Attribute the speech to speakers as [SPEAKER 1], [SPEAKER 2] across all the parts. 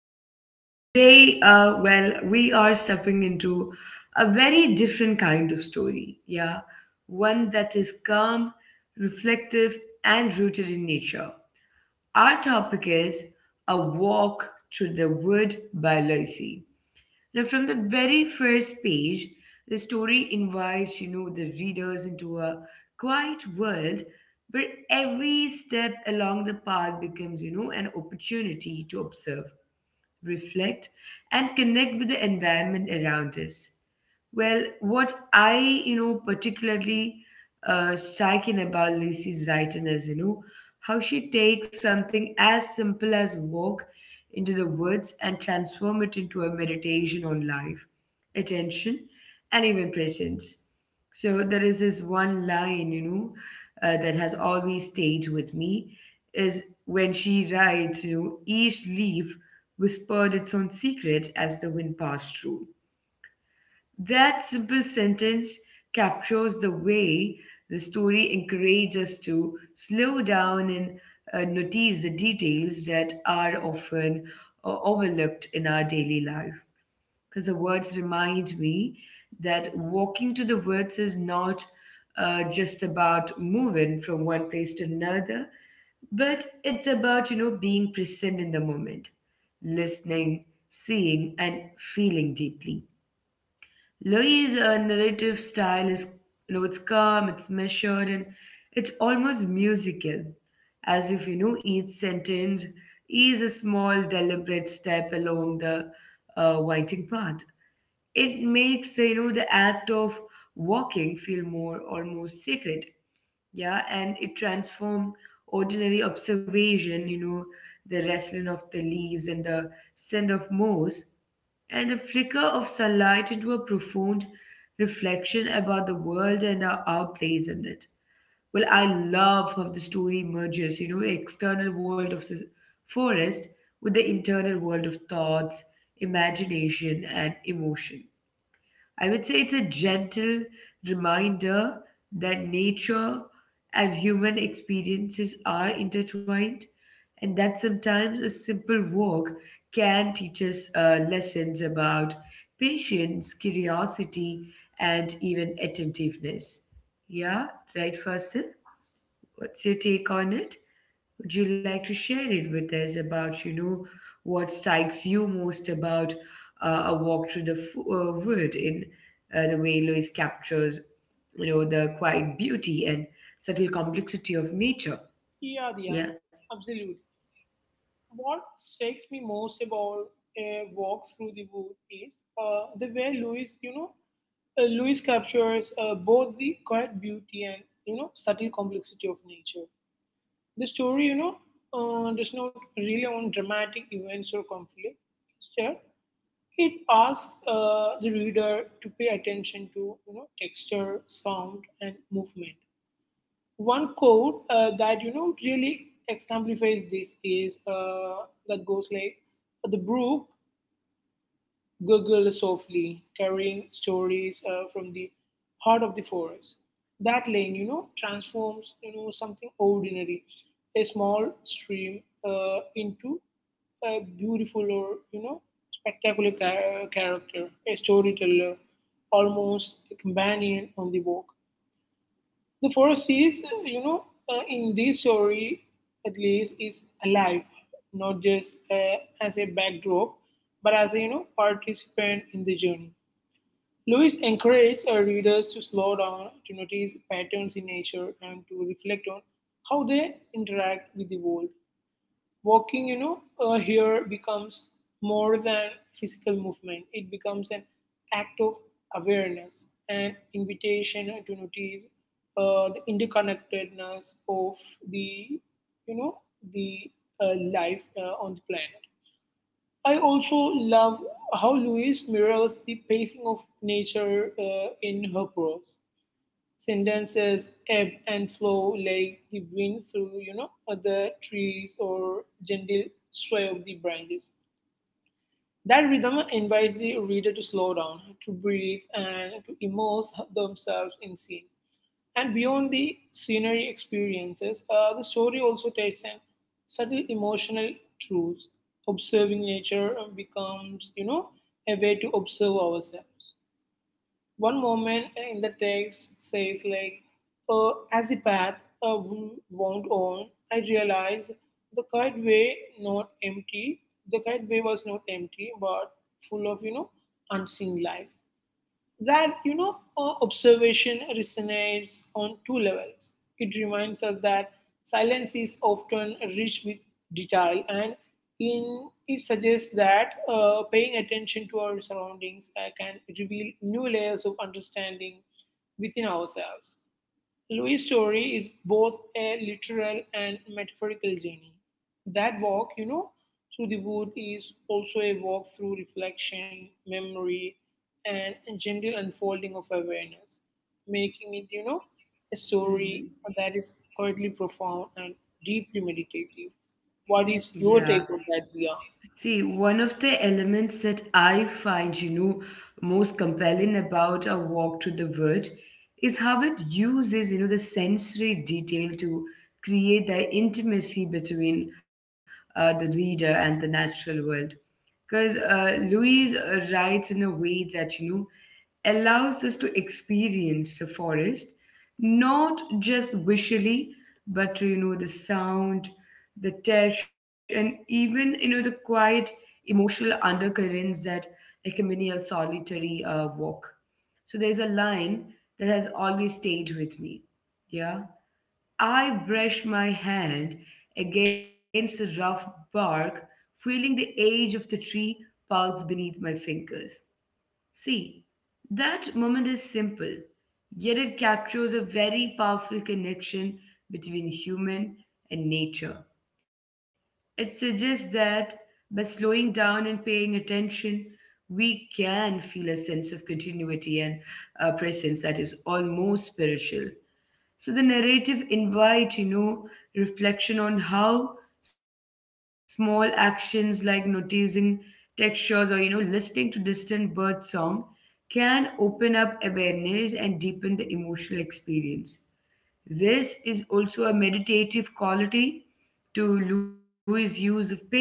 [SPEAKER 1] So, today, well, we are stepping into a very different kind of story, yeah, one that is calm, reflective, and rooted in nature. Our topic is A Walk Through the Wood by Lucy. Now, from the very first page, the story invites, the readers into a quiet world where every step along the path becomes, an opportunity to observe, reflect, and connect with the environment around us. Well, what I, particularly striking about Lacey's writing is, how she takes something as simple as walk into the woods and transform it into a meditation on life, attention, and even presence. So there is this one line that has always stayed with me is when she writes, each leaf whispered its own secret as the wind passed through. That simple sentence captures the way the story encourages us to slow down and notice the details that are often overlooked in our daily life. Because the words remind me that walking to the woods is not just about moving from one place to another, but it's about, being present in the moment, listening, seeing, and feeling deeply. Louis' narrative style is, you know, it's calm, it's measured, and it's almost musical, as if, each sentence is a small, deliberate step along the winding path. It makes, the act of walking feel more almost sacred, yeah. And it transformed ordinary observation, the rustling of the leaves, and the scent of moss, and the flicker of sunlight into a profound reflection about the world and our place in it. Well, I love how the story merges, external world of the forest with the internal world of thoughts, imagination, and emotion. I would say it's a gentle reminder that nature and human experiences are intertwined, and that sometimes a simple walk can teach us lessons about patience, curiosity, and even attentiveness. Yeah, right, Fasil? What's your take on it? Would you like to share it with us about, what strikes you most about a walk through the wood in the way Lewis captures, the quiet beauty and subtle complexity of nature?
[SPEAKER 2] Yeah, yeah,
[SPEAKER 1] Yeah.
[SPEAKER 2] absolutely. What strikes me most about a walk through the wood is the way Louis, you know, Louis captures both the quiet beauty and, you know, subtle complexity of nature. The story, you know, does not rely on dramatic events or conflict. Instead, it asks the reader to pay attention to, you know, texture, sound, and movement. One quote that, you know, really exemplifies this is that goes like, "The brook gurgles softly, carrying stories from the heart of the forest." That lane, you know, transforms, you know, something ordinary, a small stream, into a beautiful or, you know, spectacular character, a storyteller, almost a companion on the walk. The forest is, you know, in this story at least, is alive, not just as a backdrop, but as a, you know, participant in the journey. Lewis encouraged our readers to slow down, to notice patterns in nature, and to reflect on how they interact with the world. Walking, you know, here becomes more than physical movement. It becomes an act of awareness, an invitation to notice the interconnectedness of the, you know, the life on the planet. I also love how Louise mirrors the pacing of nature in her prose. Sentences ebb and flow like the wind through, you know, the trees or gentle sway of the branches. That rhythm invites the reader to slow down, to breathe, and to immerse themselves in scene. And beyond the scenery experiences, the story also takes in subtle emotional truths. Observing nature becomes, you know, a way to observe ourselves. One moment in the text says like, as the path uh, wound on, I realized the kite way not empty. The kite way was not empty, but full of, you know, unseen life. That, you know, observation resonates on two levels. It reminds us that silence is often rich with detail, and in, it suggests that paying attention to our surroundings can reveal new layers of understanding within ourselves. Louis' story is both a literal and metaphorical journey. That walk, you know, through the wood is also a walk through reflection, memory, and a gentle unfolding of awareness, making it, you know, a
[SPEAKER 1] Hmm.
[SPEAKER 2] story that is quietly profound and deeply meditative. What is
[SPEAKER 1] Yeah.
[SPEAKER 2] your take on that, Dia?
[SPEAKER 1] See, one of the elements that I find, most compelling about a walk to the wood is how it uses, the sensory detail to create the intimacy between the reader and the natural world. Because Louise writes in a way that, allows us to experience the forest not just visually but through the sound, the touch, and even the quiet emotional undercurrents that accompany a solitary walk. So there's a line that has always stayed with me, yeah. I brush my hand against the rough bark, feeling the age of the tree pulse beneath my fingers. See, that moment is simple, yet it captures a very powerful connection between human and nature. It suggests that by slowing down and paying attention, we can feel a sense of continuity and presence that is almost spiritual. So the narrative invite, reflection on how small actions like noticing textures or listening to distant bird song can open up awareness and deepen the emotional experience. This is also a meditative quality to Louis' use of pacing.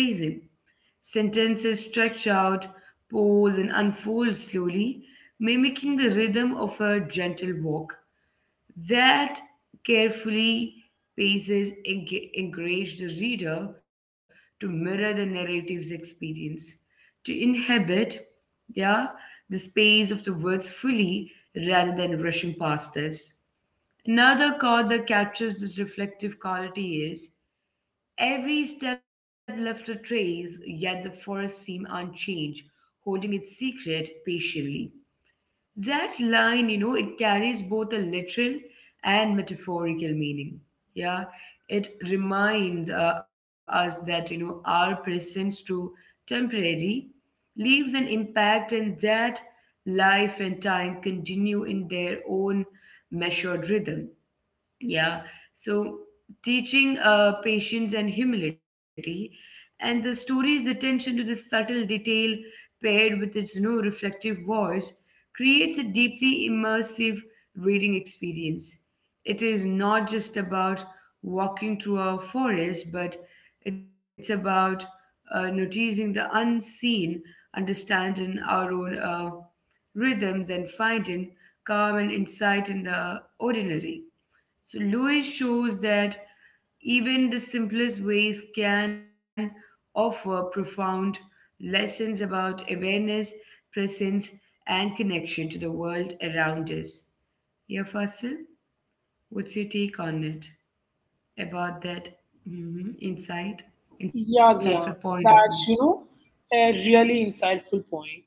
[SPEAKER 1] Sentences stretch out, pause, and unfold slowly, mimicking the rhythm of a gentle walk. That carefully paces encourage the reader to mirror the narrative's experience, to inhabit, yeah, the space of the words fully rather than rushing past us. Another chord that captures this reflective quality is: Every step left a trace, yet the forest seemed unchanged, holding its secret patiently. That line, it carries both a literal and metaphorical meaning. Yeah, it reminds us that, our presence to temporary leaves an impact and that life and time continue in their own measured rhythm. Yeah. So teaching patience and humility, and the story's attention to the subtle detail paired with its reflective voice creates a deeply immersive reading experience. It is not just about walking through a forest, but it's about noticing the unseen, understanding our own rhythms, and finding calm and insight in the ordinary. So Lewis shows that even the simplest ways can offer profound lessons about awareness, presence, and connection to the world around us. Yeah, Fasil, what's your take on it about that mhm, insight, insightful
[SPEAKER 2] Yeah, Dia,
[SPEAKER 1] point of mine?
[SPEAKER 2] that's, you know, a really insightful point.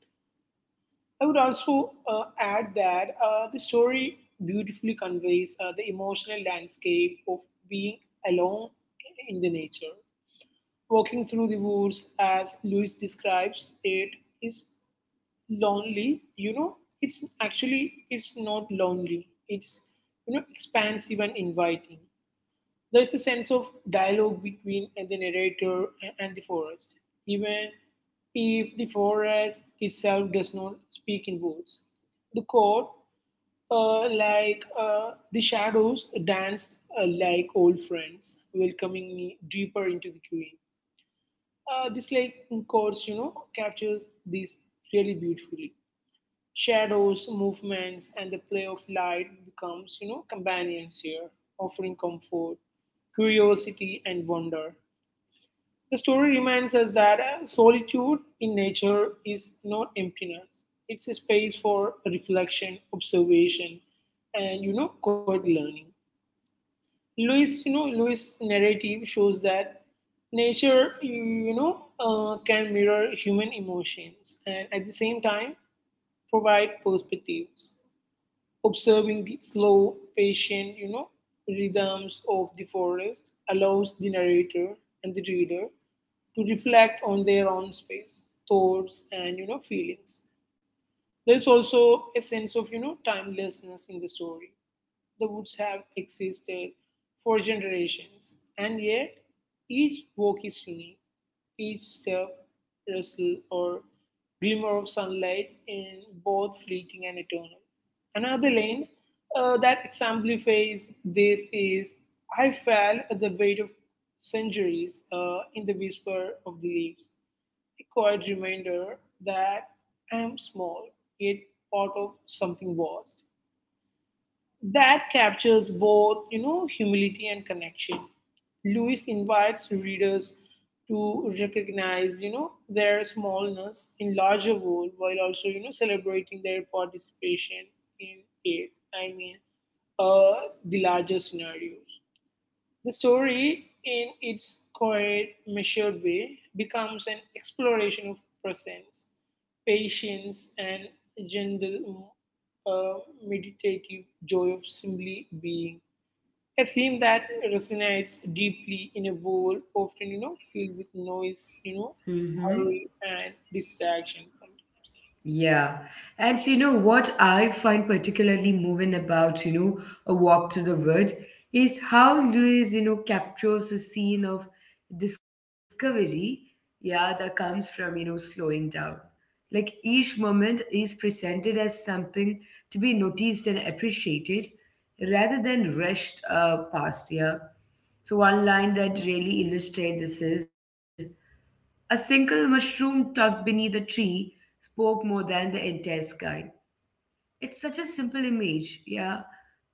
[SPEAKER 2] I would also add that the story beautifully conveys the emotional landscape of being alone in the nature. Walking through the woods, as Lewis describes it, is lonely. You know, it's actually, it's not lonely. It's, you know, expansive and inviting. There's a sense of dialogue between the narrator and the forest, even if the forest itself does not speak in words. The court, like "The shadows dance like old friends, welcoming me deeper into the green." This like course, you know, captures this really beautifully. Shadows, movements, and the play of light becomes, you know, companions here, offering comfort, curiosity, and wonder. The story reminds us that solitude in nature is not emptiness. It's a space for reflection, observation, and, you know, quiet learning. Louis, you know, Louis' narrative shows that nature, you know, can mirror human emotions and at the same time provide perspectives. Observing the slow, patient, you know, rhythms of the forest allows the narrator and the reader to reflect on their own space, thoughts, and, you know, feelings. There's also a sense of, you know, timelessness in the story. The woods have existed for generations, and yet each walk is unique, each step, rustle, or glimmer of sunlight in both fleeting and eternal. Another lane that exemplifies this is, "I felt the weight of centuries in the whisper of the leaves, a quiet reminder that I am small, yet part of something vast." That captures both, you know, humility and connection. Lewis invites readers to recognize, you know, their smallness in larger world while also, you know, celebrating their participation in it. I mean, uh, the larger scenarios. The story, in its quiet, measured way, becomes an exploration of presence, patience, and gentle, uh, meditative joy of simply being. A theme that resonates deeply in a world often, you know, filled with noise, you know, hurry and distraction sometimes.
[SPEAKER 1] Yeah. And you know what I find particularly moving about, A Walk to the Wood is how Lewis captures the scene of discovery, yeah, that comes from, slowing down. Like each moment is presented as something to be noticed and appreciated rather than rushed past, yeah. So one line that really illustrates this is: a single mushroom tucked beneath a tree spoke more than the entire sky. It's such a simple image, yeah,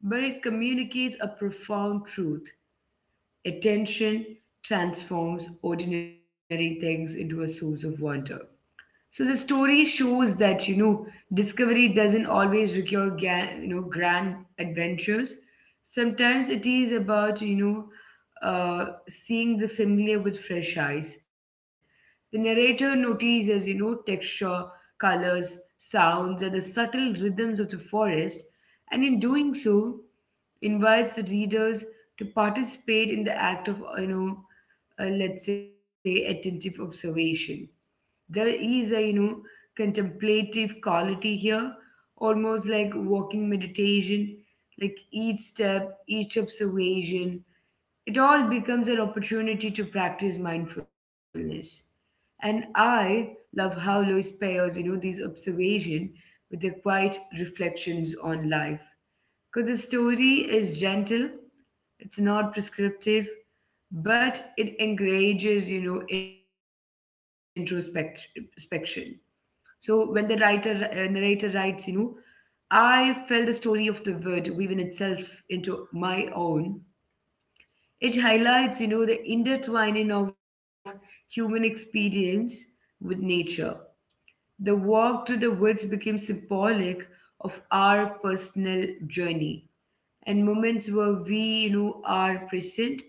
[SPEAKER 1] but it communicates a profound truth. Attention transforms ordinary things into a source of wonder. So the story shows that discovery doesn't always require grand adventures. Sometimes it is about seeing the familiar with fresh eyes. The narrator notices texture, colors, sounds, and the subtle rhythms of the forest, and in doing so, invites the readers to participate in the act of let's say attentive observation. There is a contemplative quality here, almost like walking meditation. Like each step, each observation, it all becomes an opportunity to practice mindfulness. And I love how Lewis pairs these observation with the quiet reflections on life. Because the story is gentle, it's not prescriptive, but it encourages introspection. So when the writer narrator writes, I felt the story of the word weaving itself into my own. It highlights, the intertwining of human experience with nature. The walk to the woods became symbolic of our personal journey and moments where we are present,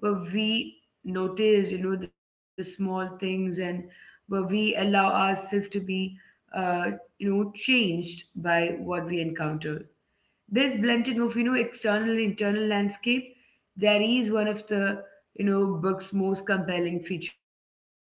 [SPEAKER 1] where we notice the small things, and where we allow ourselves to be uh, you know changed by what we encounter. This blending of external and internal landscape, that is one of the book's most compelling features, I would say.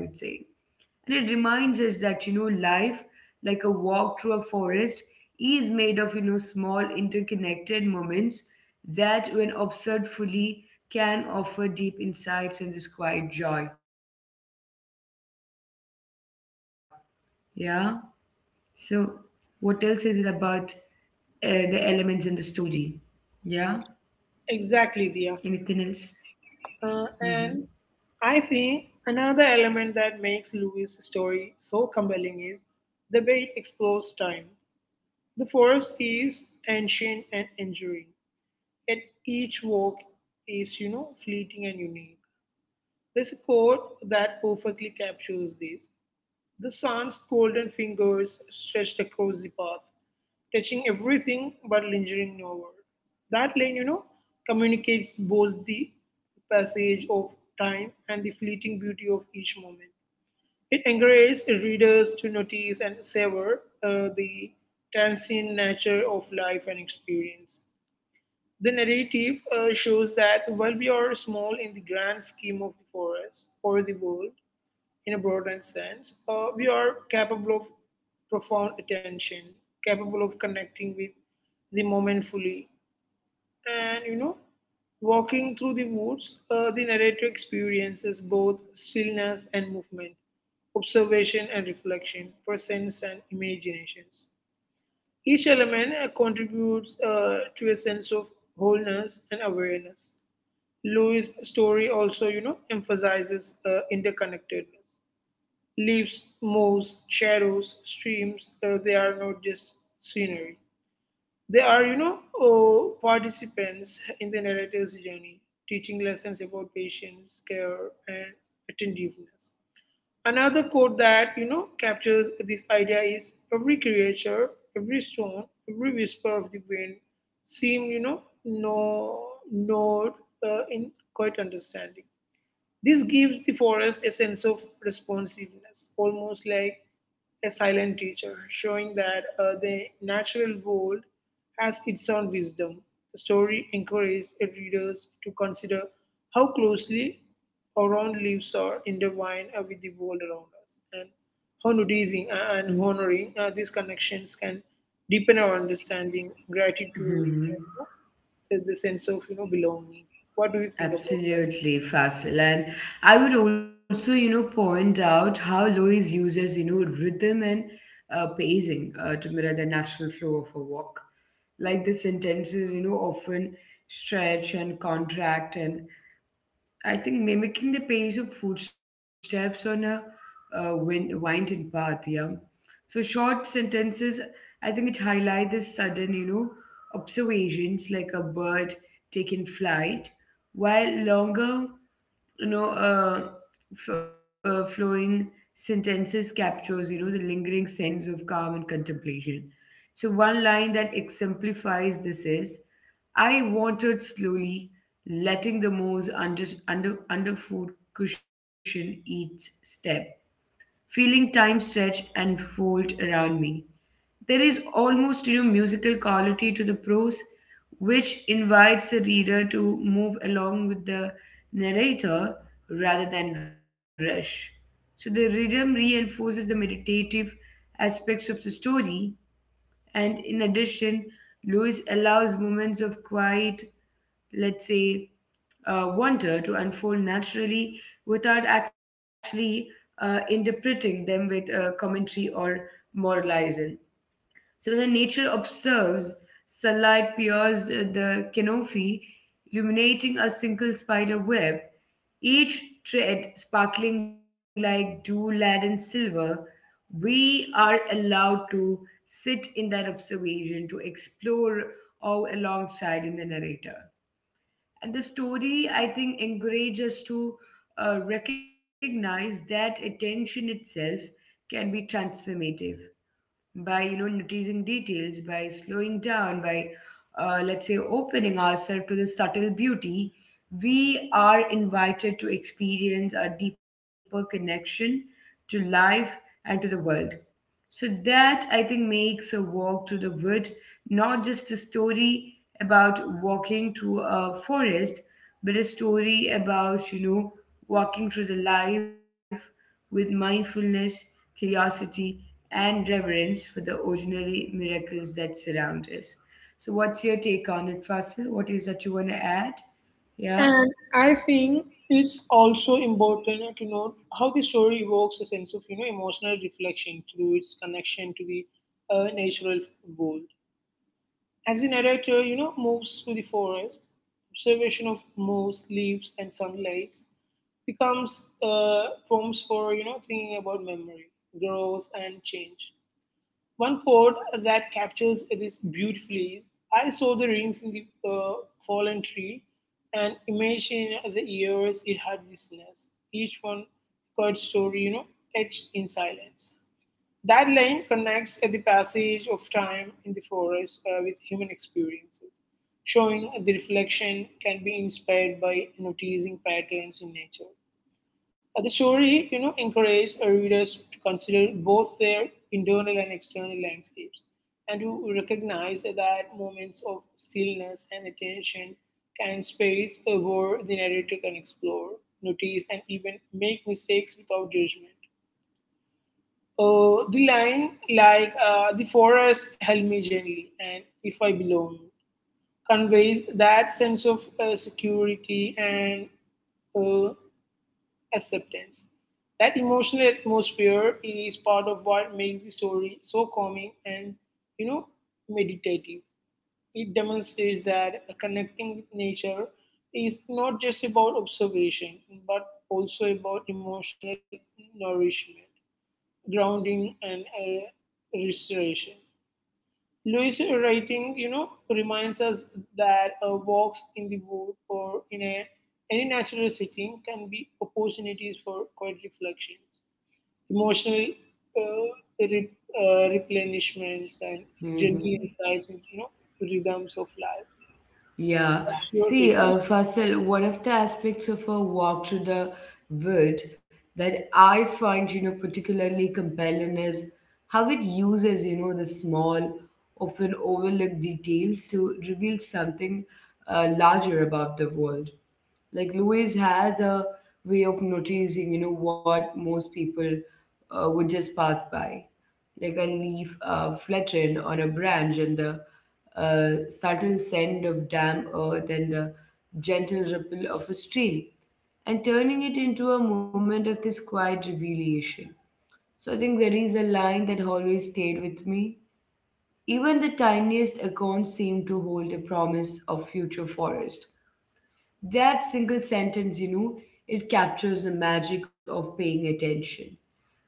[SPEAKER 1] And it reminds us that, life, like a walk through a forest, is made of small interconnected moments that, when observed fully, can offer deep insights and this quiet joy. Yeah. So, what else is it about uh, the elements in the story? Yeah. Anything else?
[SPEAKER 2] Exactly, Dia.
[SPEAKER 1] Mm-hmm.
[SPEAKER 2] And I think another element that makes Louis' story so compelling is the way it explores time. The forest is ancient and enduring, yet each walk is, you know, fleeting and unique. There's a quote that perfectly captures this. "The sun's golden fingers stretched across the path, touching everything but lingering nowhere." That lane, you know, communicates both the passage of time and the fleeting beauty of each moment. It encourages readers to notice and savor the transient nature of life and experience. The narrative shows that while we are small in the grand scheme of the forest or the world, in a broader sense, we are capable of profound attention, capable of connecting with the moment fully. And, you know, walking through the woods, the narrator experiences both stillness and movement, observation and reflection, presence and imaginations. Each element contributes to a sense of wholeness and awareness. Louis' story also, you know, emphasizes interconnectedness. Leaves, moves, shadows, streams, they are not just scenery. They are, you know, participants in the narrator's journey, teaching lessons about patience, care, and attentiveness. Another quote that, you know, captures this idea is, "Every creature, every stone, every whisper of the wind seem, you know, no node in quite understanding." This gives the forest a sense of responsiveness, almost like a silent teacher, showing that the natural world has its own wisdom. The story encourages readers to consider how closely our own lives are intertwined with the world around us, and how noticing and honoring these connections can deepen our understanding, gratitude, and, you know, the sense of, you know, belonging. What do you think about that?
[SPEAKER 1] Absolutely, Fasil. And I would also, point out how Lois uses, rhythm and pacing to mirror the natural flow of a walk. Like the sentences, often stretch and contract and I think mimicking the pace of footsteps on a winding path, yeah. So short sentences, I think it highlight this sudden, observations like a bird taking flight, while longer you know uh, flowing sentences captures the lingering sense of calm and contemplation. So one line that exemplifies this is: I wandered slowly, letting the moss underfoot cushion each step, feeling time stretch and fold around me. There is almost musical quality to the prose, which invites the reader to move along with the narrator rather than rush. So the rhythm reinforces the meditative aspects of the story, and in addition, Lewis allows moments of quiet, let's say, wonder to unfold naturally without actually interpreting them with commentary or moralizing. So when the nature observes, sunlight pierces the canopy, illuminating a single spider web, each thread sparkling like dew laden silver. We are allowed to sit in that observation, to explore all alongside in the narrator. And the story, I think, encourages us to recognize that attention itself can be transformative by noticing details, by slowing down, by let's say opening ourselves to the subtle beauty. We are invited to experience a deeper connection to life and to the world, so that I think makes a walk to the wood not just a story about walking to a forest, but a story about, walking through the life with mindfulness, curiosity, and reverence for the ordinary miracles that surround us. So, what's your take on it, Fasil? What is that you want to add? Yeah.
[SPEAKER 2] And I think it's also important to note how the story evokes a sense of, you know, emotional reflection through its connection to the natural world. As the narrator, you know, moves through the forest, observation of moss, leaves, and sunlight becomes prompts for, you know, thinking about memory, growth, and change. One quote that captures this beautifully is, "I saw the rings in the fallen tree and imagined the years it had witnessed, each one God's story, you know, etched in silence." That line connects the passage of time in the forest with human experiences, showing the reflection can be inspired by noticing patterns in nature. The story, you know, encourages readers to consider both their internal and external landscapes, and to recognize that moments of stillness and attention can space where the narrator can explore, notice, and even make mistakes without judgment. The line, like "The forest held me gently," and "If I belong," conveys that sense of security and uh, acceptance. That emotional atmosphere is part of what makes the story so calming and, you know, meditative. It demonstrates that connecting with nature is not just about observation, but also about emotional nourishment, grounding, and restoration. Louis' writing, you know, reminds us that walks in the wood or in a, any natural setting can be opportunities for quiet reflections, emotional uh, replenishments, and gentle
[SPEAKER 1] Mm-hmm.
[SPEAKER 2] insights into, you know, rhythms of life.
[SPEAKER 1] Yeah.
[SPEAKER 2] That's your
[SPEAKER 1] See,
[SPEAKER 2] take on it?
[SPEAKER 1] Faisal, one of the aspects of a walk through the wood that I find, particularly compelling is how it uses, the small, often overlooked details to reveal something larger about the world. Like Louise has a way of noticing, what most people would just pass by like a leaf flatten or a branch and the subtle scent of damp earth and the gentle ripple of a stream and turning it into a moment of this quiet revelation. So I think there is a line that always stayed with me. Even the tiniest acorn seemed to hold a promise of future forest. That single sentence, it captures the magic of paying attention,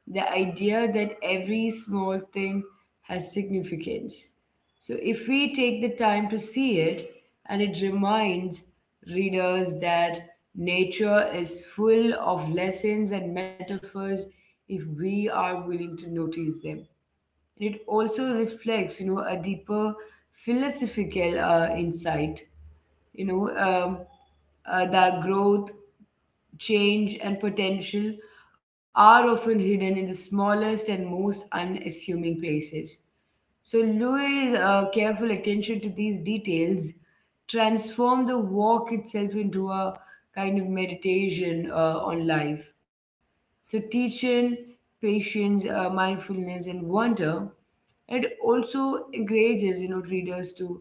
[SPEAKER 1] the idea that every small thing has significance. So, if we take the time to see it, and it reminds readers that nature is full of lessons and metaphors if we are willing to notice them. And it also reflects, a deeper philosophical insight, you know, um, that growth, change, and potential are often hidden in the smallest and most unassuming places. So Louis' careful attention to these details transformed the walk itself into a kind of meditation on life. So teaching patience, mindfulness, and wonder, it also encourages, readers to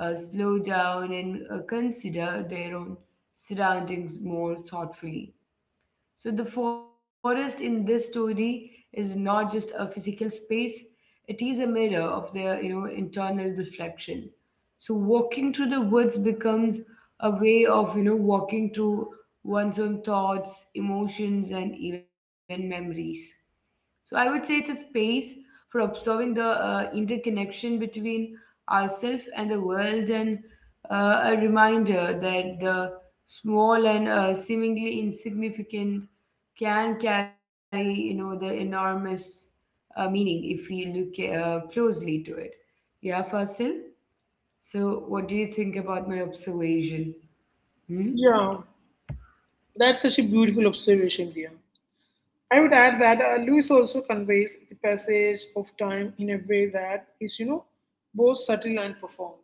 [SPEAKER 1] slow down and consider their own surroundings more thoughtfully. So the forest in this story is not just a physical space, it is a mirror of their, you know, internal reflection. So walking through the woods becomes a way of, you know, walking through one's own thoughts, emotions, and even memories. So I would say it's a space for observing the interconnection between ourselves and the world, and a reminder that the small and seemingly insignificant can carry, you know, the enormous meaning if we look closely to it. Yeah, Fasil, so what do you think about my observation? Hmm?
[SPEAKER 2] Yeah, that's such a beautiful observation, dear. I would add that Lewis also conveys the passage of time in a way that is, you know, both subtle and profound.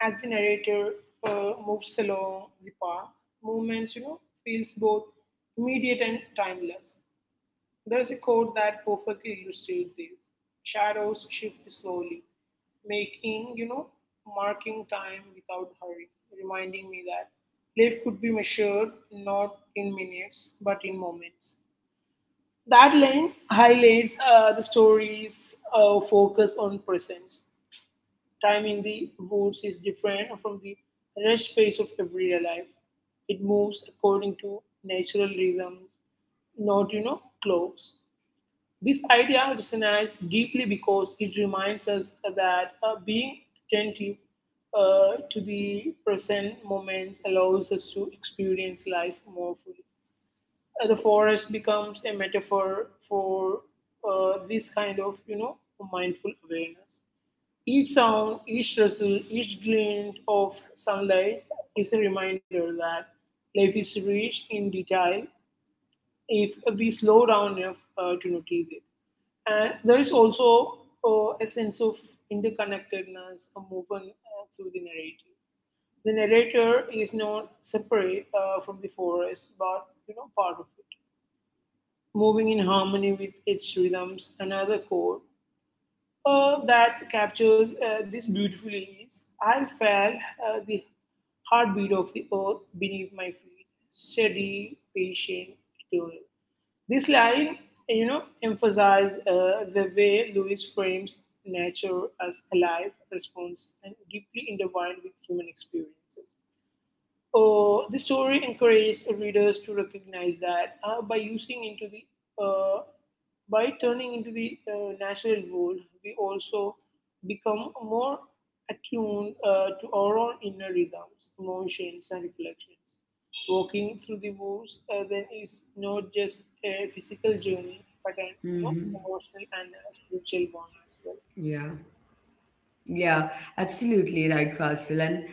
[SPEAKER 2] As the narrator moves along the path, movements, you know, feels both immediate and timeless. There's a quote that perfectly illustrates this. "Shadows shift slowly, making, you know, marking time without hurry, reminding me that life could be measured not in minutes but in moments." That line highlights the story's focus on presence. Time in the woods is different from the rest pace of everyday life. It moves according to natural rhythms, not, you know, clocks. This idea resonates deeply because it reminds us that being attentive to the present moments allows us to experience life more fully. The forest becomes a metaphor for this kind of, you know, mindful awareness. Each sound, each rustle, each glint of sunlight is a reminder that life is rich in detail if we slow down enough to notice it. And there is also a sense of interconnectedness moving through the narrative. The narrator is not separate from the forest, but, you know, part of it moving in harmony with its rhythms. Another chord that captures this beautifully is I felt the heartbeat of the earth beneath my feet, steady, patient, eternal. This line, you know, emphasize the way Lewis frames nature as alive, responsive, and deeply intertwined with human experiences. The story encourages readers to recognize that uh, by turning into the natural world, we also become more attuned to our own inner rhythms, emotions, and reflections. Walking through the woods then is not just a physical journey, but an
[SPEAKER 1] Hmm.
[SPEAKER 2] emotional and spiritual one as well.
[SPEAKER 1] Yeah. Yeah, absolutely right, Fasil. And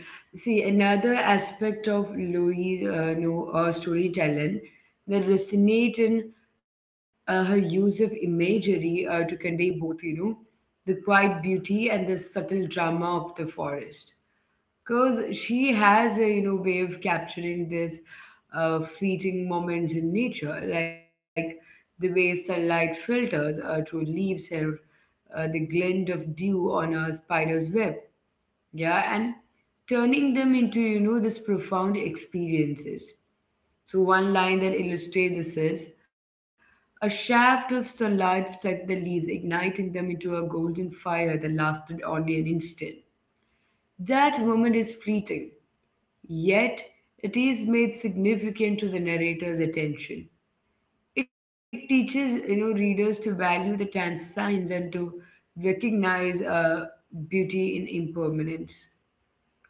[SPEAKER 1] see, another aspect of Louis' no, know, storytelling that resonate in her use of imagery to convey both, you know, the quiet beauty and the subtle drama of the forest. Because she has a, you know, way of capturing this fleeting moments in nature, like the way sunlight filters through leaves and the glint of dew on a spider's web. Yeah, and turning them into, you know, this profound experiences. So one line that illustrates this is, a shaft of sunlight struck the leaves, igniting them into a golden fire that lasted only an instant. That moment is fleeting, yet it is made significant to the narrator's attention. It teaches, you know, readers to value the trans and to recognize beauty in impermanence.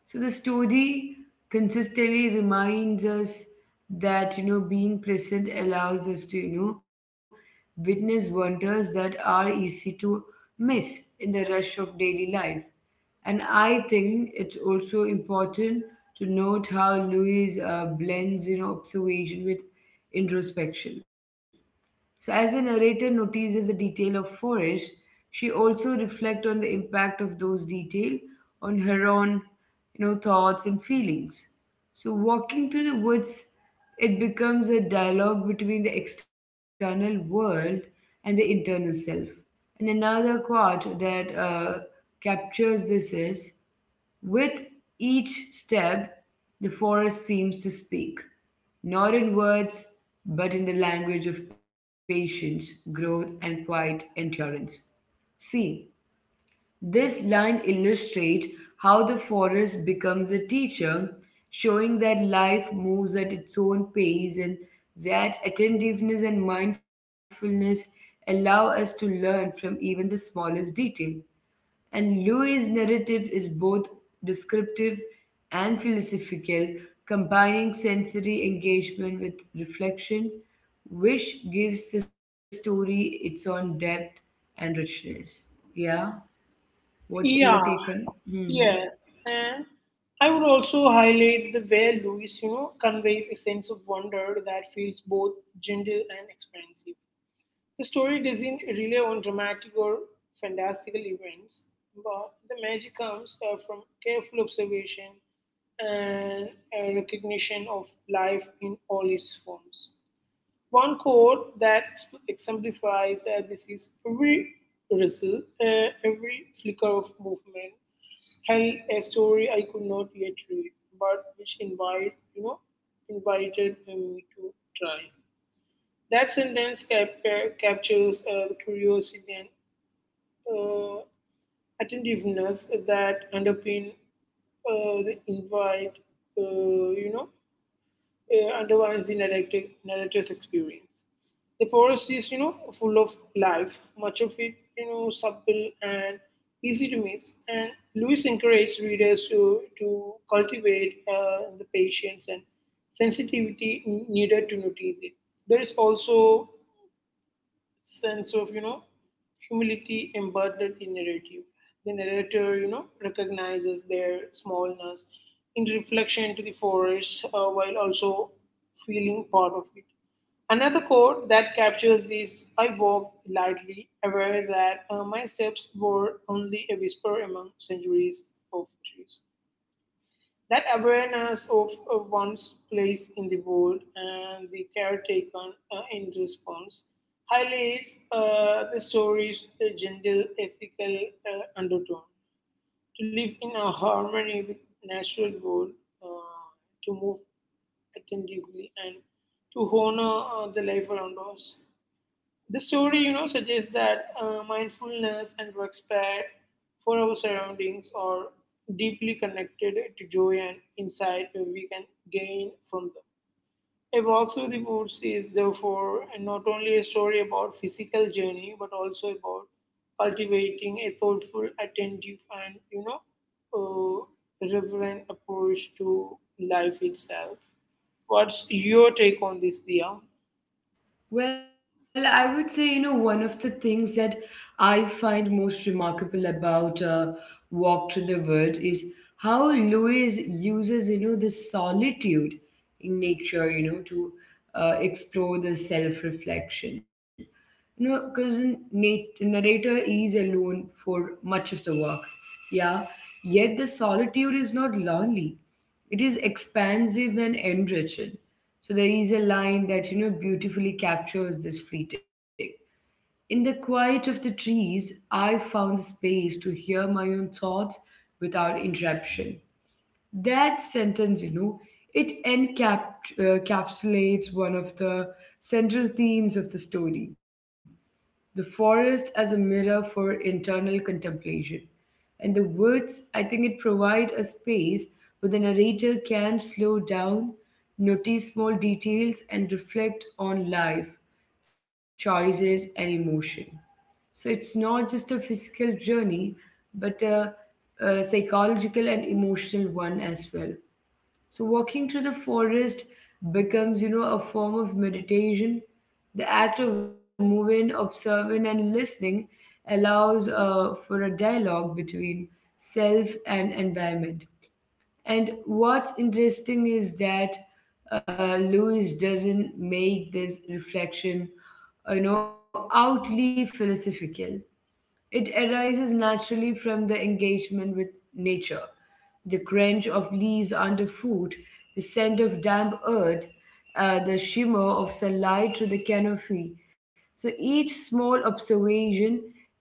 [SPEAKER 1] So the story consistently reminds us that, you know, being present allows us to, you know, witness wonders that are easy to miss in the rush of daily life. And I think it's also important to note how Louis blends, you know, observation with introspection. So as the narrator notices the detail of forest, she also reflects on the impact of those details on her own, you know, thoughts and feelings. So walking through the woods, it becomes a dialogue between the external world and the internal self. And another quote that captures this is, with each step, the forest seems to speak. Not in words, but in the language of patience, growth, and quiet endurance. See, this line illustrates how the forest becomes a teacher, showing that life moves at its own pace and that attentiveness and mindfulness allow us to learn from even the smallest detail. And Louis' narrative is both descriptive and philosophical, combining sensory engagement with reflection, which gives the story its own depth and richness. Yeah, what's your
[SPEAKER 2] Yeah,
[SPEAKER 1] take on? Hmm.
[SPEAKER 2] Yes, and I would also highlight the way Louis, you know, conveys a sense of wonder that feels both gentle and expansive. The story doesn't rely on dramatic or fantastical events, but the magic comes from careful observation and a recognition of life in all its forms. One quote that exemplifies that this is every rustle, every flicker of movement, held a story I could not yet read, but which invited me to try. That sentence captures the curiosity and uh, attentiveness that underpin the invite, you know, undermines the narrative, narrator's experience. The forest is, you know, full of life, much of it, you know, subtle and easy to miss. And Lewis encouraged readers to cultivate the patience and sensitivity needed to notice it. There is also sense of, you know, humility embedded in narrative. The narrator, you know, recognizes their smallness in reflection to the forest while also feeling part of it. Another quote that captures this I walked lightly, aware that my steps were only a whisper among centuries of trees. That awareness of one's place in the world and the care taken in response highlights the story's gentle ethical undertone. To live in a harmony with natural world, uh, to move attentively, and to honor the life around us. The story, you know, suggests that mindfulness and respect for our surroundings are deeply connected to joy and insight we can gain from them. A Walk Through the Woods is therefore not only a story about physical journey, but also about cultivating a thoughtful, attentive, and uh, reverent approach to life itself. What's your take on this, Dia?
[SPEAKER 1] Well, I would say, you know, one of the things that I find most remarkable about Walk to the Woods is how Lewis uses, you know, the solitude in nature, you know, to explore the self reflection. You know, because the narrator is alone for much of the work. Yeah. Yet the solitude is not lonely, it is expansive and enriching. So there is a line that, you know, beautifully captures this fleeting. In the quiet of the trees, I found space to hear my own thoughts without interruption. That sentence, you know, it encapsulates one of the central themes of the story, the forest as a mirror for internal contemplation. And the words, I think it provides a space where the narrator can slow down, notice small details, and reflect on life, choices, and emotion. So it's not just a physical journey, but a psychological and emotional one as well. So walking through the forest becomes, you know, a form of meditation. The act of moving, observing, and listening allows for a dialogue between self and environment. And what's interesting is that Lewis doesn't make this reflection, you know, outly philosophical. It arises naturally from the engagement with nature. The crunch of leaves underfoot, the scent of damp earth, the shimmer of sunlight through the canopy. So each small observation,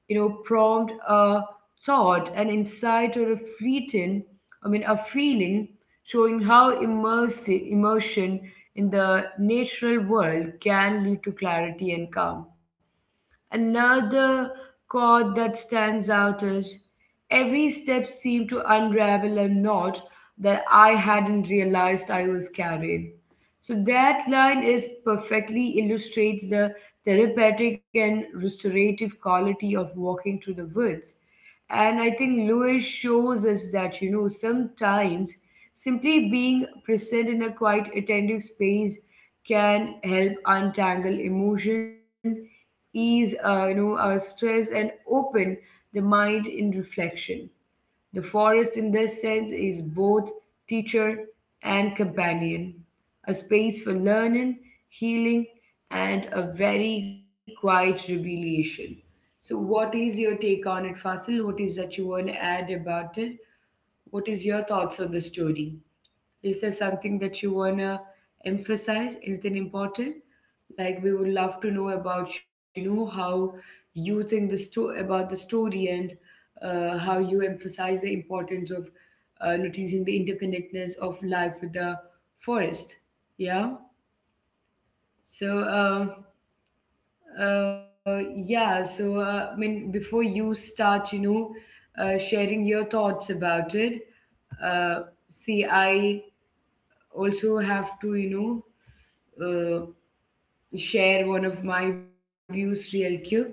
[SPEAKER 1] you know, prompt a thought, an insight, or a fleeting, I mean, a feeling, showing how immersive immersion in the natural world can lead to clarity and calm. Another chord that stands out is, every step seemed to unravel a knot that I hadn't realized I was carrying. So that line is perfectly illustrates the therapeutic and restorative quality of walking through the woods. And I think Lewis shows us that, you know, sometimes simply being present in a quiet, attentive space can help untangle emotion, ease stress, and open the mind in reflection. The forest in this sense is both teacher and companion, a space for learning, healing, and a very quiet revelation. So what is your take on it, Fasil? What is that you want to add about it? What is your thoughts on the story? Is there something that you want to emphasize, anything important? Like, we would love to know about, you know, how you think the about the story and how you emphasize the importance of noticing the interconnectedness of life with the forest. Yeah. So yeah. So I mean, before you start, you know, sharing your thoughts about it. Uh, see, I also have to, you know. Uh, share one of my views real quick,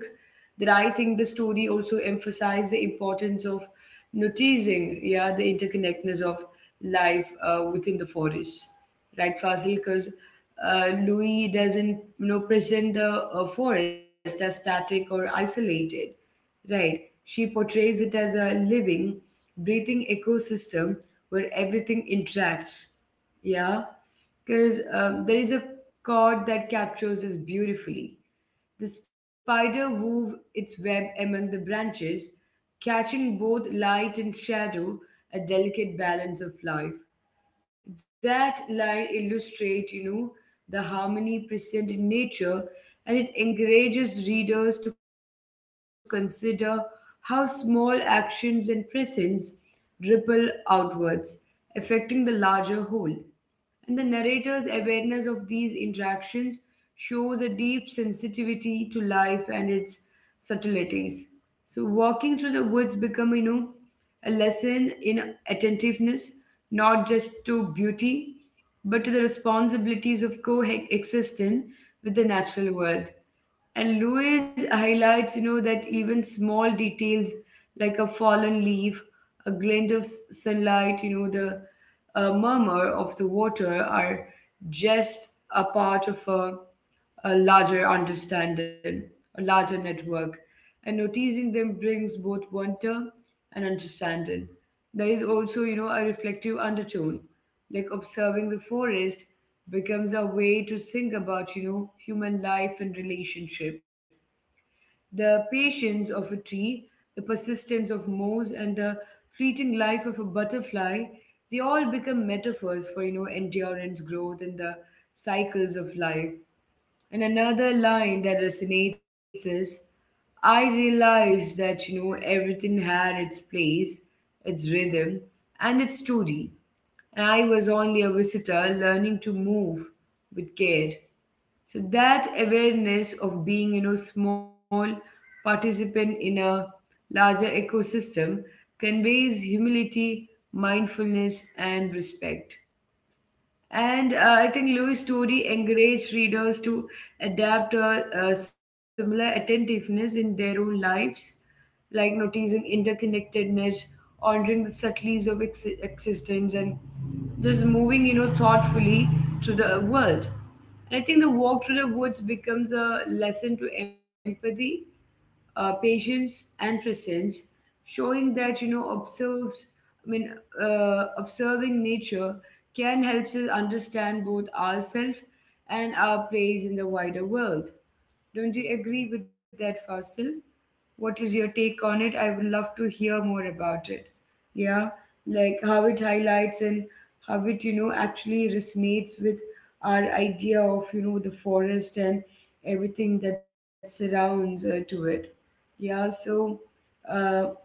[SPEAKER 1] that I think the story also emphasized the importance of noticing, yeah, the interconnectedness of life within the forest, right, Fasil? Because Louis doesn't, you know, present the forest as static or isolated. Right. She portrays it as a living, breathing ecosystem where everything interacts. Yeah. Because there is a cord that captures this beautifully. The spider wove its web among the branches, catching both light and shadow, a delicate balance of life. That line illustrates, you know, the harmony present in nature, and it encourages readers to consider how small actions and presence ripple outwards, affecting the larger whole. And the narrator's awareness of these interactions shows a deep sensitivity to life and its subtleties. So walking through the woods become, you know, a lesson in attentiveness, not just to beauty, but to the responsibilities of coexistence with the natural world. And Lewis highlights, you know, that even small details like a fallen leaf, a glint of sunlight, you know, the murmur of the water are just a part of a larger understanding, a larger network, and noticing them brings both wonder and understanding. There is also, you know, a reflective undertone, like observing the forest becomes a way to think about, you know, human life and relationship. The patience of a tree, the persistence of moss, and the fleeting life of a butterfly, they all become metaphors for, you know, endurance, growth, and the cycles of life. And another line that resonates is, I realized that, you know, everything had its place, its rhythm, and its story. And I was only a visitor learning to move with care. So that awareness of being, you know, small participant in a larger ecosystem conveys humility, mindfulness, and respect. And I think Lewis' story encouraged readers to adapt a similar attentiveness in their own lives, like noticing interconnectedness, honoring the subtleties of existence, and just moving, you know, thoughtfully through the world. And I think the walk through the woods becomes a lesson to empathy, patience, and presence, showing that, you know, observes. I mean, observing nature can help us understand both ourselves and our place in the wider world. Don't you agree with that, Fasil? What is your take on it? I would love to hear more about it. Yeah, like how it highlights and how it, you know, actually resonates with our idea of, you know, the forest and everything that surrounds to it. Yeah, so, uh,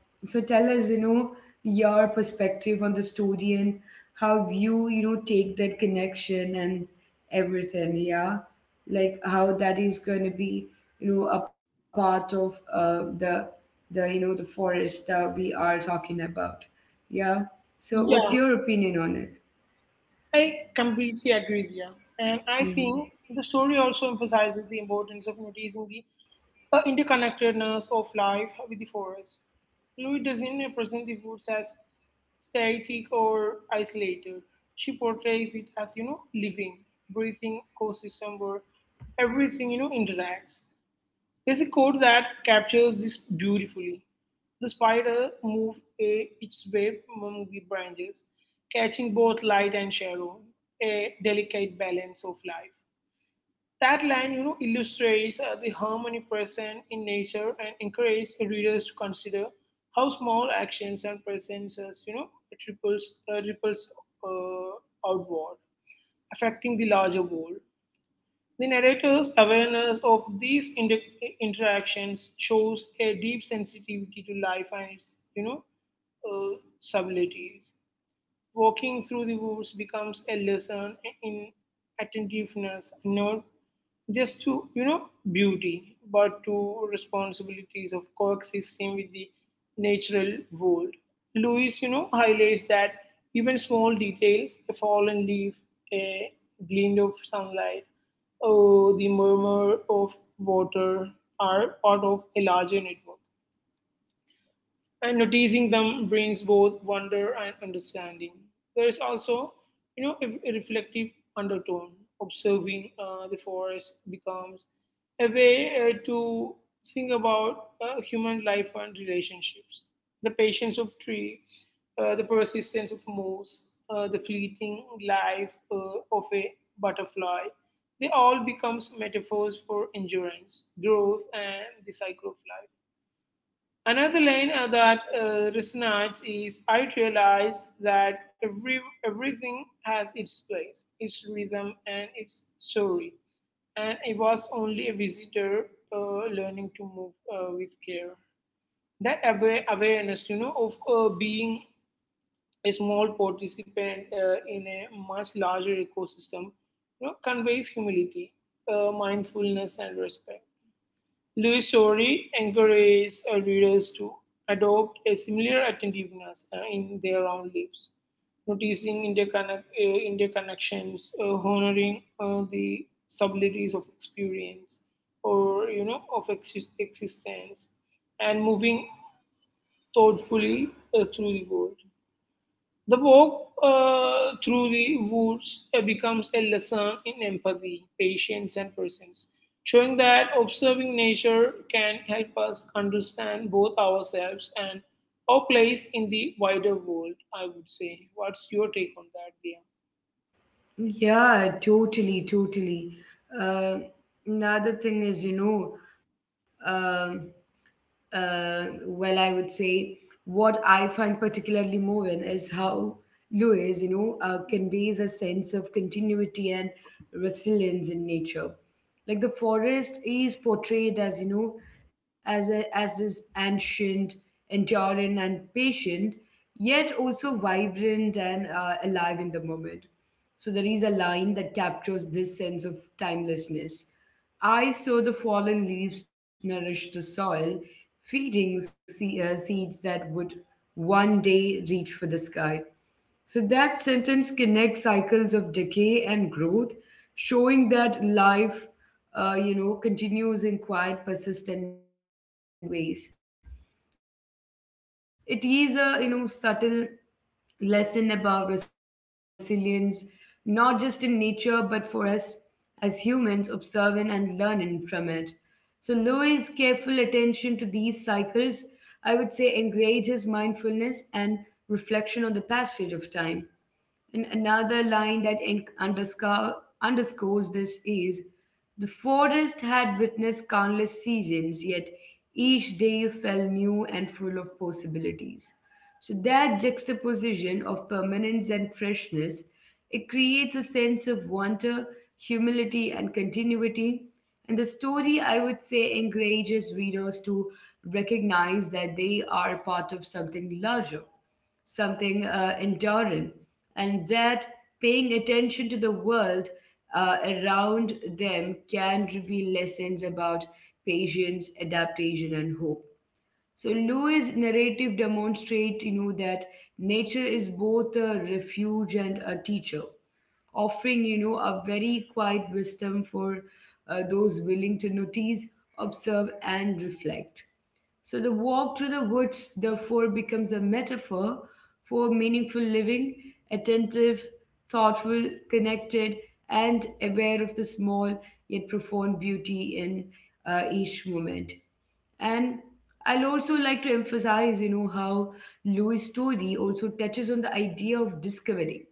[SPEAKER 1] so tell us, you know, your perspective on the story and how you, you know, take that connection and everything, yeah. Like how that is going to be, a part of the you know the forest that we are talking about. Yeah. So what's
[SPEAKER 2] Yeah,
[SPEAKER 1] your opinion on it?
[SPEAKER 2] I completely agree with you. And I
[SPEAKER 1] Mm.
[SPEAKER 2] think the story also emphasizes the importance of noticing the interconnectedness of life with the forest. Louis doesn't present the woods as static or isolated. She portrays it as, you know, living, breathing ecosystem where everything, you know, interacts. There's a quote that captures this beautifully. The spider moved its web among the branches, catching both light and shadow, a delicate balance of life. That line, you know, illustrates the harmony present in nature and encourages readers to consider how small actions and presences, you know, ripples outward, affecting the larger world. The narrator's awareness of these interactions shows a deep sensitivity to life and its, you know, subtleties. Walking through the woods becomes a lesson in attentiveness, not just to, you know, beauty, but to responsibilities of coexisting with the natural world. Lewis, you know, highlights that even small details, a fallen leaf, a glint of sunlight, or the murmur of water are part of a larger network and noticing them brings both wonder and understanding. There is also, you know, a reflective undertone. Observing the forest becomes a way to think about human life and relationships. The patience of tree, the persistence of moose, the fleeting life of a butterfly, they all becomes metaphors for endurance, growth, and the cycle of life. Another line that resonates is I realize that everything has its place, its rhythm, and its story. And I was only a visitor learning to move with care. That awareness, you know, of being a small participant in a much larger ecosystem, you know, conveys humility, mindfulness, and respect. Louis' story encourages readers to adopt a similar attentiveness in their own lives, noticing interconnections, honoring the subtleties of experience or you know of existence, and moving thoughtfully through the world. The walk through the woods becomes a lesson in empathy, patience, and presence, showing that observing nature can help us understand both ourselves and our place in the wider world. I would say, what's your take on that, Dia?
[SPEAKER 1] Yeah, totally, totally. Uh, Another thing isum well, I would say what I find particularly moving is how Lewis, conveys a sense of continuity and resilience in nature. Like the forest is portrayed as as this ancient, enduring, and patient, yet also vibrant and alive in the moment. So there is a line that captures this sense of timelessness. I saw the fallen leaves nourish the soil, feeding seeds that would one day reach for the sky. So that sentence connects cycles of decay and growth, showing that life, continues in quiet, persistent ways. It is a subtle lesson about resilience, not just in nature but for us as humans observing and learning from it. So Louis' careful attention to these cycles, I would say, encourages mindfulness and reflection on the passage of time. And another line that underscores this is, the forest had witnessed countless seasons, yet each day fell new and full of possibilities. So that juxtaposition of permanence and freshness, it creates a sense of wonder, humility, and continuity. And the story, I would say, encourages readers to recognize that they are part of something larger, something enduring, and that paying attention to the world around them can reveal lessons about patience, adaptation, and hope. So Lewis' narrative demonstrates, that nature is both a refuge and a teacher, offering, a very quiet wisdom for those willing to notice, observe, and reflect. So the walk through the woods, therefore, becomes a metaphor for meaningful living, attentive, thoughtful, connected, and aware of the small yet profound beauty in each moment. And I'll also like to emphasize, how Louis' story also touches on the idea of discovery.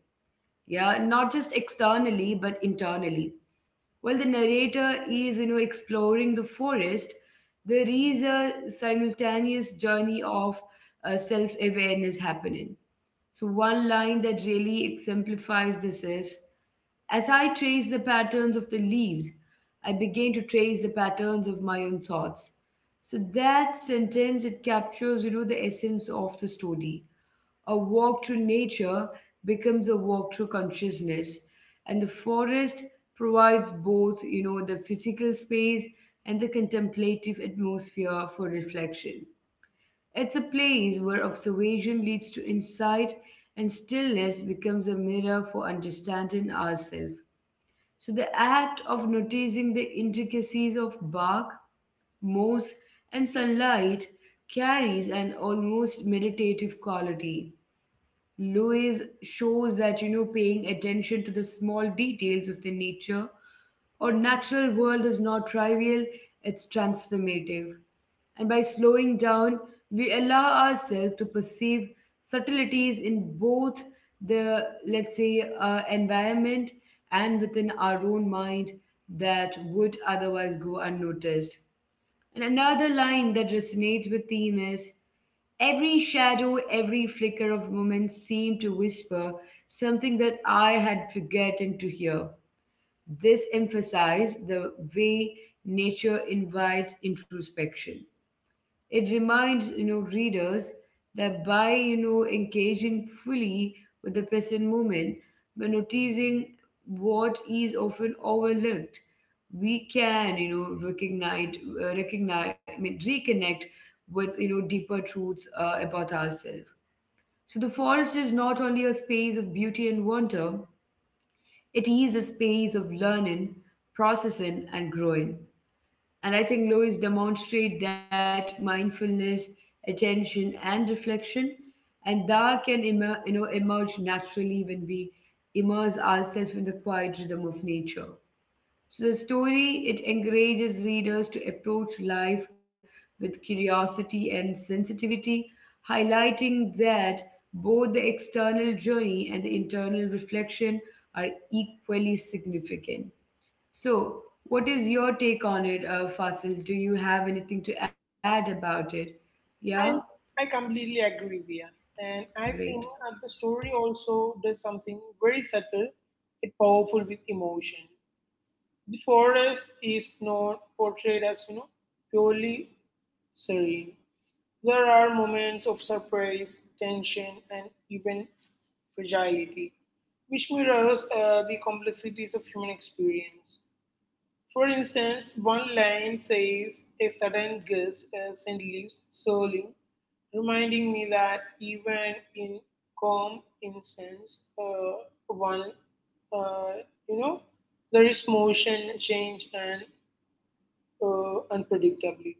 [SPEAKER 1] Yeah, not just externally, but internally, while the narrator is, exploring the forest, there is a simultaneous journey of self awareness happening. So, one line that really exemplifies this is, "As I trace the patterns of the leaves, I begin to trace the patterns of my own thoughts." So, that sentence, it captures, the essence of the story. A walk through nature becomes a walk through consciousness, and the forest provides both, the physical space and the contemplative atmosphere for reflection. It's a place where observation leads to insight and stillness becomes a mirror for understanding ourselves. So, the act of noticing the intricacies of bark, moss, and sunlight carries an almost meditative quality. Lewis shows that paying attention to the small details of the nature our natural world is not trivial, it's transformative. And by slowing down, we allow ourselves to perceive subtleties in both the, let's say, environment and within our own mind that would otherwise go unnoticed. And another line that resonates with theme is, "Every shadow, every flicker of moment seemed to whisper something that I had forgotten to hear." This emphasizes the way nature invites introspection. It reminds readers that by engaging fully with the present moment, by noticing what is often overlooked, we can recognize, I mean, reconnect with deeper truths about ourselves. So the forest is not only a space of beauty and wonder; it is a space of learning, processing, and growing. And I think Lois demonstrate that mindfulness, attention, and reflection, and that can emerge naturally when we immerse ourselves in the quiet rhythm of nature. So the story, it encourages readers to approach life with curiosity and sensitivity, highlighting that both the external journey and the internal reflection are equally significant. So, what is your take on it, Fasil? Do you have anything to add about it? Yeah,
[SPEAKER 2] I I completely agree, Dia, and I think
[SPEAKER 1] great.
[SPEAKER 2] that the story also does something very subtle, yet powerful with emotion. The forest is not portrayed as you know purely serene. There are moments of surprise, tension, and even fragility, which mirrors the complexities of human experience. For instance, one line says, A sudden gust sent leaves swirling," reminding me that even in calm instance, one, uh, you know, there is motion, change, and unpredictability.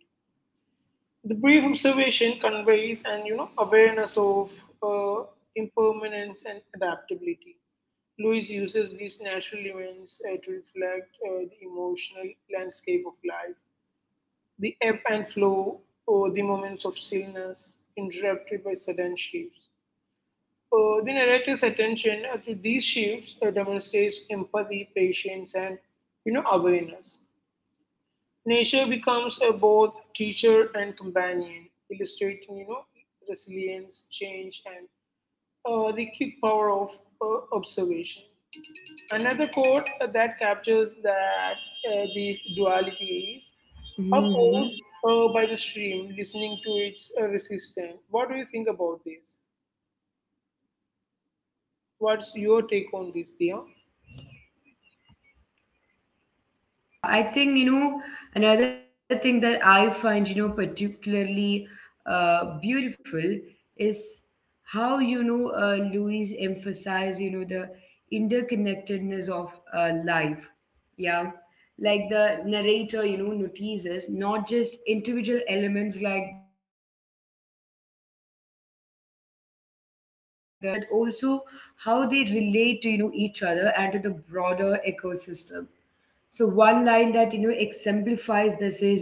[SPEAKER 2] The brief observation conveys an you know awareness of uh, impermanence and adaptability. Lewis uses these natural events to reflect the emotional landscape of life, the ebb and flow, or the moments of stillness interrupted by sudden shifts. The narrative's attention to these shifts demonstrates empathy, patience, and you know awareness. Nature becomes a both teacher and companion, illustrating, you know, resilience, change, and the key power of observation. Another quote that captures that this duality is
[SPEAKER 1] Mm-hmm.
[SPEAKER 2] opposed by the stream, listening to its resistance. What do you think about this? What's your take
[SPEAKER 1] Yeah,
[SPEAKER 2] on this, Dia?
[SPEAKER 1] totally. Uh, I Yeah, I think, another thing that I find, particularly beautiful is how, Louise emphasized, the interconnectedness of life. Yeah. Like the narrator, notices not just individual elements like the trees, moss, or animals, but also how they relate to, each other and to the broader ecosystem. So one line that exemplifies this is,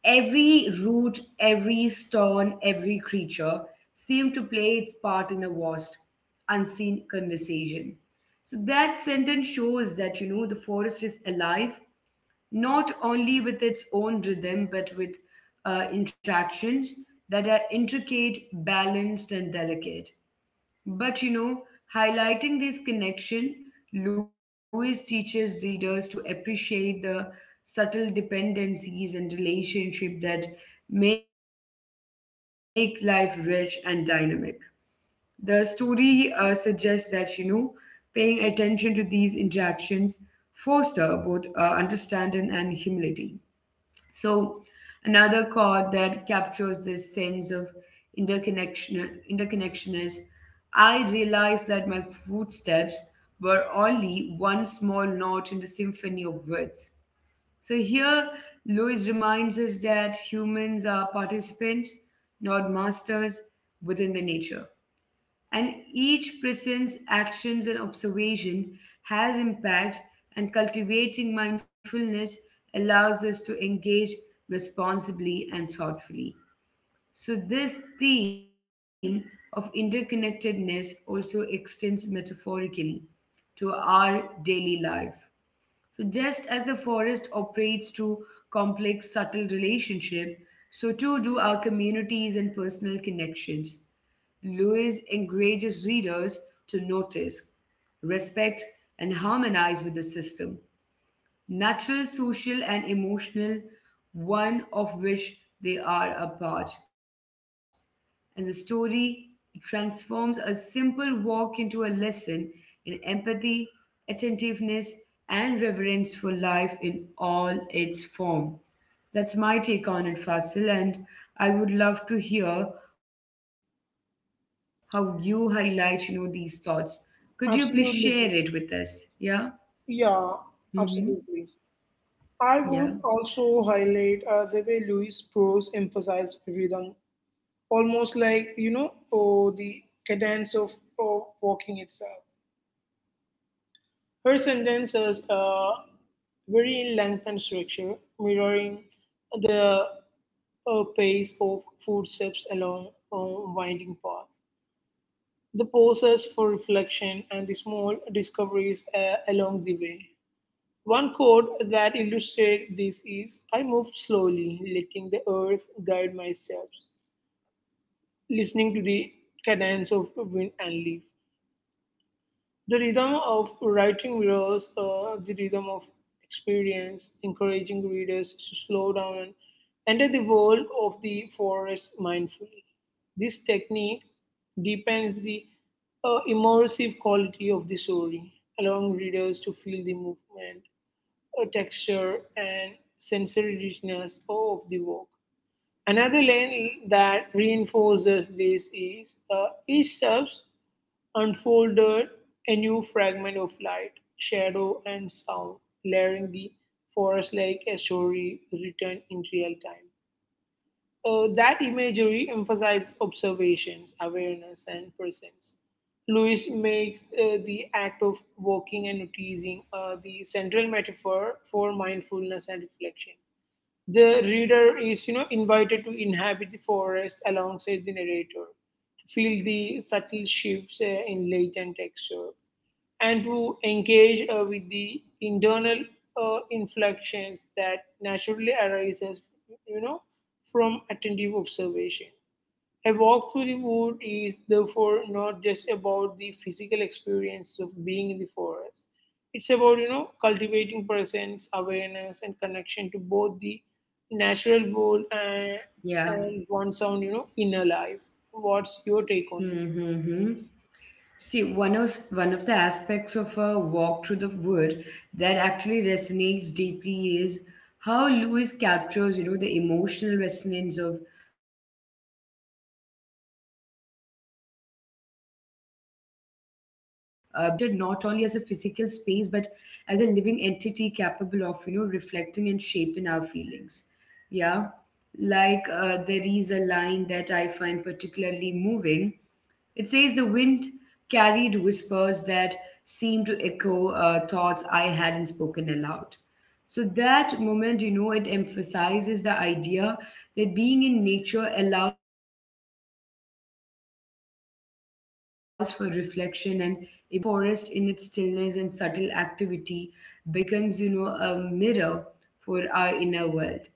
[SPEAKER 1] "Every root, every stone, every creature seemed to play its part in a vast, unseen conversation." So that sentence shows that the forest is alive not only with its own rhythm but with interactions that are intricate, balanced, and delicate. But, you know, highlighting this connection, Lewis teaches readers to appreciate the subtle dependencies and relationship that make life rich and dynamic. The story suggests that, you know, paying attention to these interactions foster both understanding and humility. So, another chord that captures this sense of interconnection is, "I realized that my footsteps were only one small note in the symphony of words." So, here Lewis reminds us that humans are participants, not masters within the nature, and each person's actions and observation has impact, and cultivating mindfulness allows us to engage responsibly and thoughtfully. So this theme of interconnectedness also extends metaphorically to our daily life. So just as the forest operates through complex, subtle relationship, so too do our communities and personal connections. Lewis encourages readers to notice, respect, and harmonize with the system, natural, social, and emotional, one of which they are a part. And the story transforms a simple walk into a lesson in empathy, attentiveness, and reverence for life in all its form. That's my take on it, Fasil, and I would love to hear how you highlight, these thoughts. Could you please share it with us? Yeah.
[SPEAKER 2] Absolutely.
[SPEAKER 1] Mm-hmm.
[SPEAKER 2] Dia. Yeah, absolutely.
[SPEAKER 1] Yeah.
[SPEAKER 2] I would also highlight the way Louis Prose emphasized rhythm, almost like, you know, the cadence of oh, walking itself. Her sentences vary in length and structure, mirroring the pace of footsteps along a winding path, the pauses for reflection, and the small discoveries along the way. One quote that illustrates this is I moved slowly, letting the earth guide my steps, listening to the cadence of wind and leaf. The rhythm of writing mirrors the rhythm of experience, encouraging readers to slow down and enter the world of the forest mindfully. This technique deepens the immersive quality of the story, allowing readers to feel the movement texture, and sensory richness of the work. Another lane that reinforces this is each subs unfolded a new fragment of light, shadow, and sound, layering the forest like a story written in real time. That imagery emphasizes observations, awareness, and presence. Lewis makes the act of walking and noticing the central metaphor for mindfulness and reflection. The reader is, you know, invited to inhabit the forest alongside the narrator, to feel the subtle shifts in light and texture, and to engage with the internal inflections that naturally arises, you know, from attentive observation. A walk through the wood is therefore not just about the physical experience of being in the forest. It's about, you know, cultivating presence, awareness, and connection to both the natural world
[SPEAKER 1] Yeah.
[SPEAKER 2] and one's own, you know, inner life. What's your take on this?
[SPEAKER 1] Mm-hmm. See, one of the aspects of a walk through the wood that actually resonates deeply is how Lewis captures, the emotional resonance of being immersed in nature. And the forest, I think, is depicted not only as a physical space but as a living entity capable of, reflecting and shaping our feelings. Yeah, like there is a line that I find particularly moving. It says, the wind carried whispers that seemed to echo thoughts I hadn't spoken aloud. So that moment, it emphasizes the idea that being in nature allows for reflection and emotional clarity. So Lewis illustrates how the forest, in its stillness and subtle activity, becomes, a mirror for our inner world.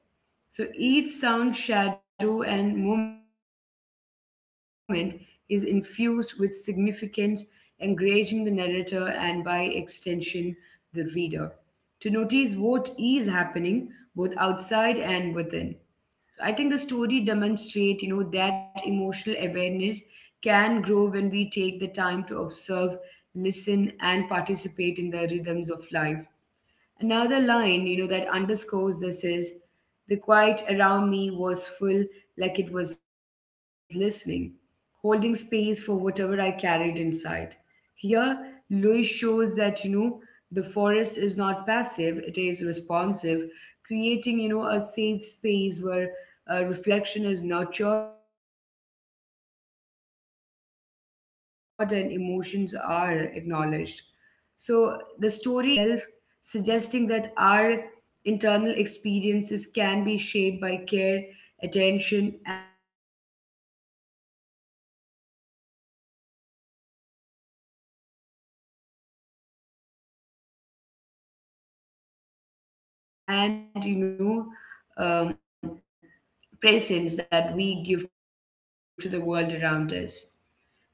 [SPEAKER 1] So each sound, shadow, and moment is infused with significance, engaging the narrator and, by extension, the reader, to notice what is happening both outside and within. So I think the story demonstrates, that emotional awareness can grow when we take the time to observe, listen, and participate in the rhythms of life. Another line, that underscores this is, "The quiet around me was full, like it was listening, holding space for whatever I carried inside." Here, Louis shows that, the forest is not passive, it is responsive, creating, a safe space where reflection is nurtured and emotions are acknowledged. So the story emphasizes, the interplay between environment and self, suggesting that our internal experiences can be shaped by care, attention, and presence that we give to the world around us. So, walking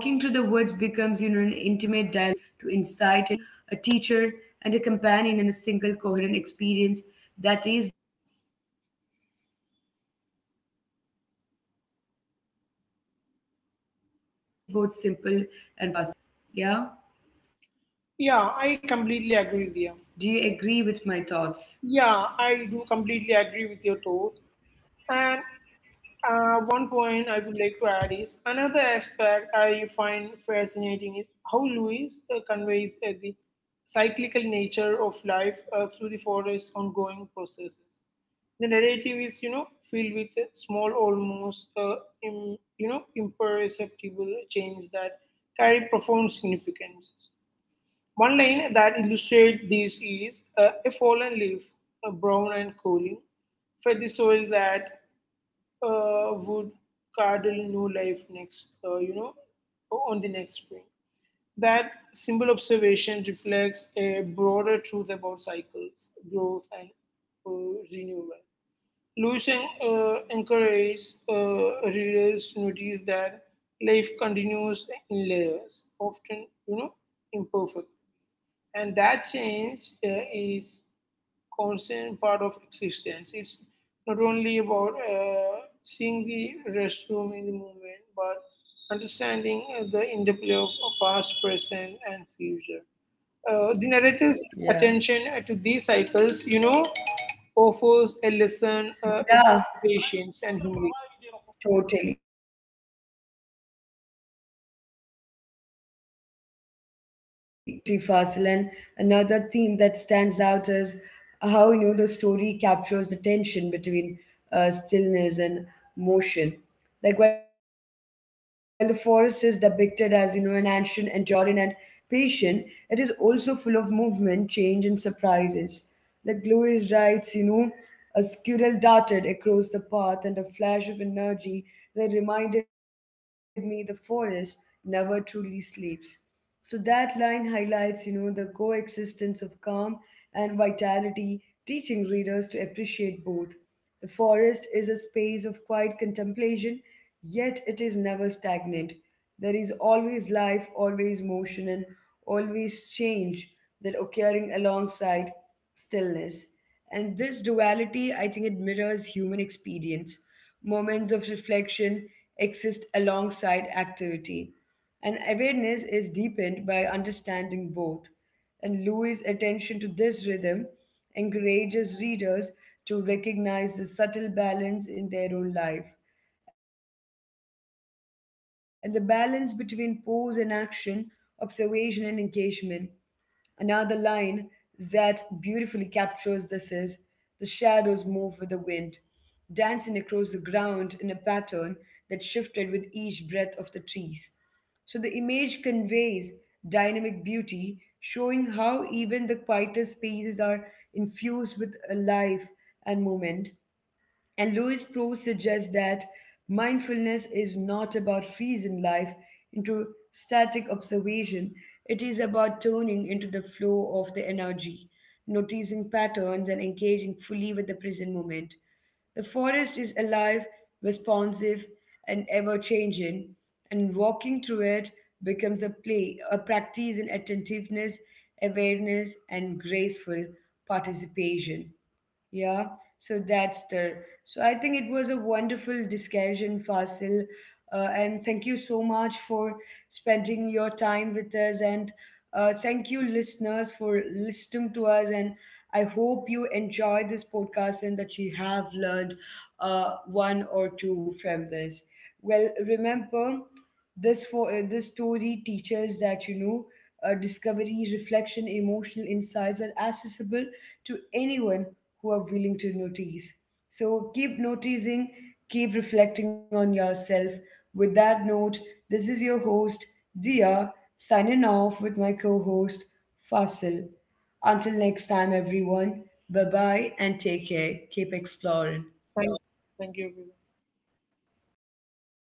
[SPEAKER 1] through the woods becomes, you know, an intimate dialogue with both nature and the self, where observation, patience, and mindfulness open the door to insight and emotional balance. The forest becomes a sanctuary, a teacher, and a companion in a single coherent experience that is both simple and
[SPEAKER 2] Yeah, I
[SPEAKER 1] profoundly
[SPEAKER 2] completely agree with
[SPEAKER 1] meaningful,
[SPEAKER 2] you.
[SPEAKER 1] I would say. So, what is your take on it,
[SPEAKER 2] Yeah,
[SPEAKER 1] Fasil?
[SPEAKER 2] I do
[SPEAKER 1] What do you want to
[SPEAKER 2] completely
[SPEAKER 1] add
[SPEAKER 2] agree with your
[SPEAKER 1] about it? Could
[SPEAKER 2] thoughts.
[SPEAKER 1] you please share it with
[SPEAKER 2] And
[SPEAKER 1] us? Yeah.
[SPEAKER 2] One
[SPEAKER 1] Do
[SPEAKER 2] point I
[SPEAKER 1] you
[SPEAKER 2] would
[SPEAKER 1] agree
[SPEAKER 2] like to
[SPEAKER 1] with my
[SPEAKER 2] add is
[SPEAKER 1] thoughts?
[SPEAKER 2] another aspect I find fascinating is how Lewis conveys the cyclical nature of life through the forest's ongoing processes. The narrative is, you know, filled with small, almost, im, you know, imperceptible change that carry profound significance. One line that illustrates this is a fallen leaf, brown and cooling, fed the soil that would cradle new life next, you know, on the next spring. That simple observation reflects a broader truth about cycles, growth, and renewal. Lewis encourages readers to notice that life continues in layers, often, you know, imperfect. And that change is constant part of existence. It's not only about seeing the restroom in the moment, but understanding the interplay of past, present, and future. The narrator's attention
[SPEAKER 1] Yeah.
[SPEAKER 2] to these cycles, you know, offers a lesson in
[SPEAKER 1] Yeah,
[SPEAKER 2] patience and humility.
[SPEAKER 1] totally. Mm-hmm. That's so true. Absolutely, Fasil. And another theme that stands out is how the story captures the tension between stillness and motion. Like, while the forest is depicted as an ancient, enduring, and patient, it is also full of movement, change, and surprises. Like Lewis writes, "A squirrel darted across the path, and a flash of energy that reminded me the forest never truly sleeps." So that line highlights, the coexistence of calm and vitality, teaching readers to appreciate both. The forest is a space of quiet contemplation, yet it is never stagnant. There is always life, always motion, and always change that occurring alongside stillness. And this duality, I think it mirrors human experience. Moments of reflection exist alongside activity, and awareness is deepened by understanding both. And Louis' attention to this rhythm encourages readers to recognize the subtle balance in their own life, and the balance between pose and action, observation and engagement. Another line that beautifully captures this is, "The shadows move with the wind, dancing across the ground in a pattern that shifted with each breath of the trees." So the image conveys dynamic beauty, showing how even the quietest spaces are infused with a life and movement. And Louis Pro suggests that mindfulness is not about freezing life into static observation, it is about tuning into the flow of the energy, noticing patterns, and engaging fully with the present moment. The forest is alive, responsive, and ever changing, and walking through it becomes a practice in attentiveness, awareness, and graceful participation. Yeah, so that's there. So I think it was a wonderful discussion, Fasil. And thank you so much for spending your time with us. And thank you, listeners, for listening to us. And I hope you enjoyed this podcast and that you have learned one or two from this. Well, remember this, for this story teaches that discovery, reflection, emotional insights are accessible to anyone who are willing to notice. So keep noticing, keep reflecting on yourself. With that note, this is your host, Dia, signing off with my co-host, Fasil. Until next time, everyone, bye bye and take care. Keep exploring.
[SPEAKER 2] Thank, Thank you, everyone.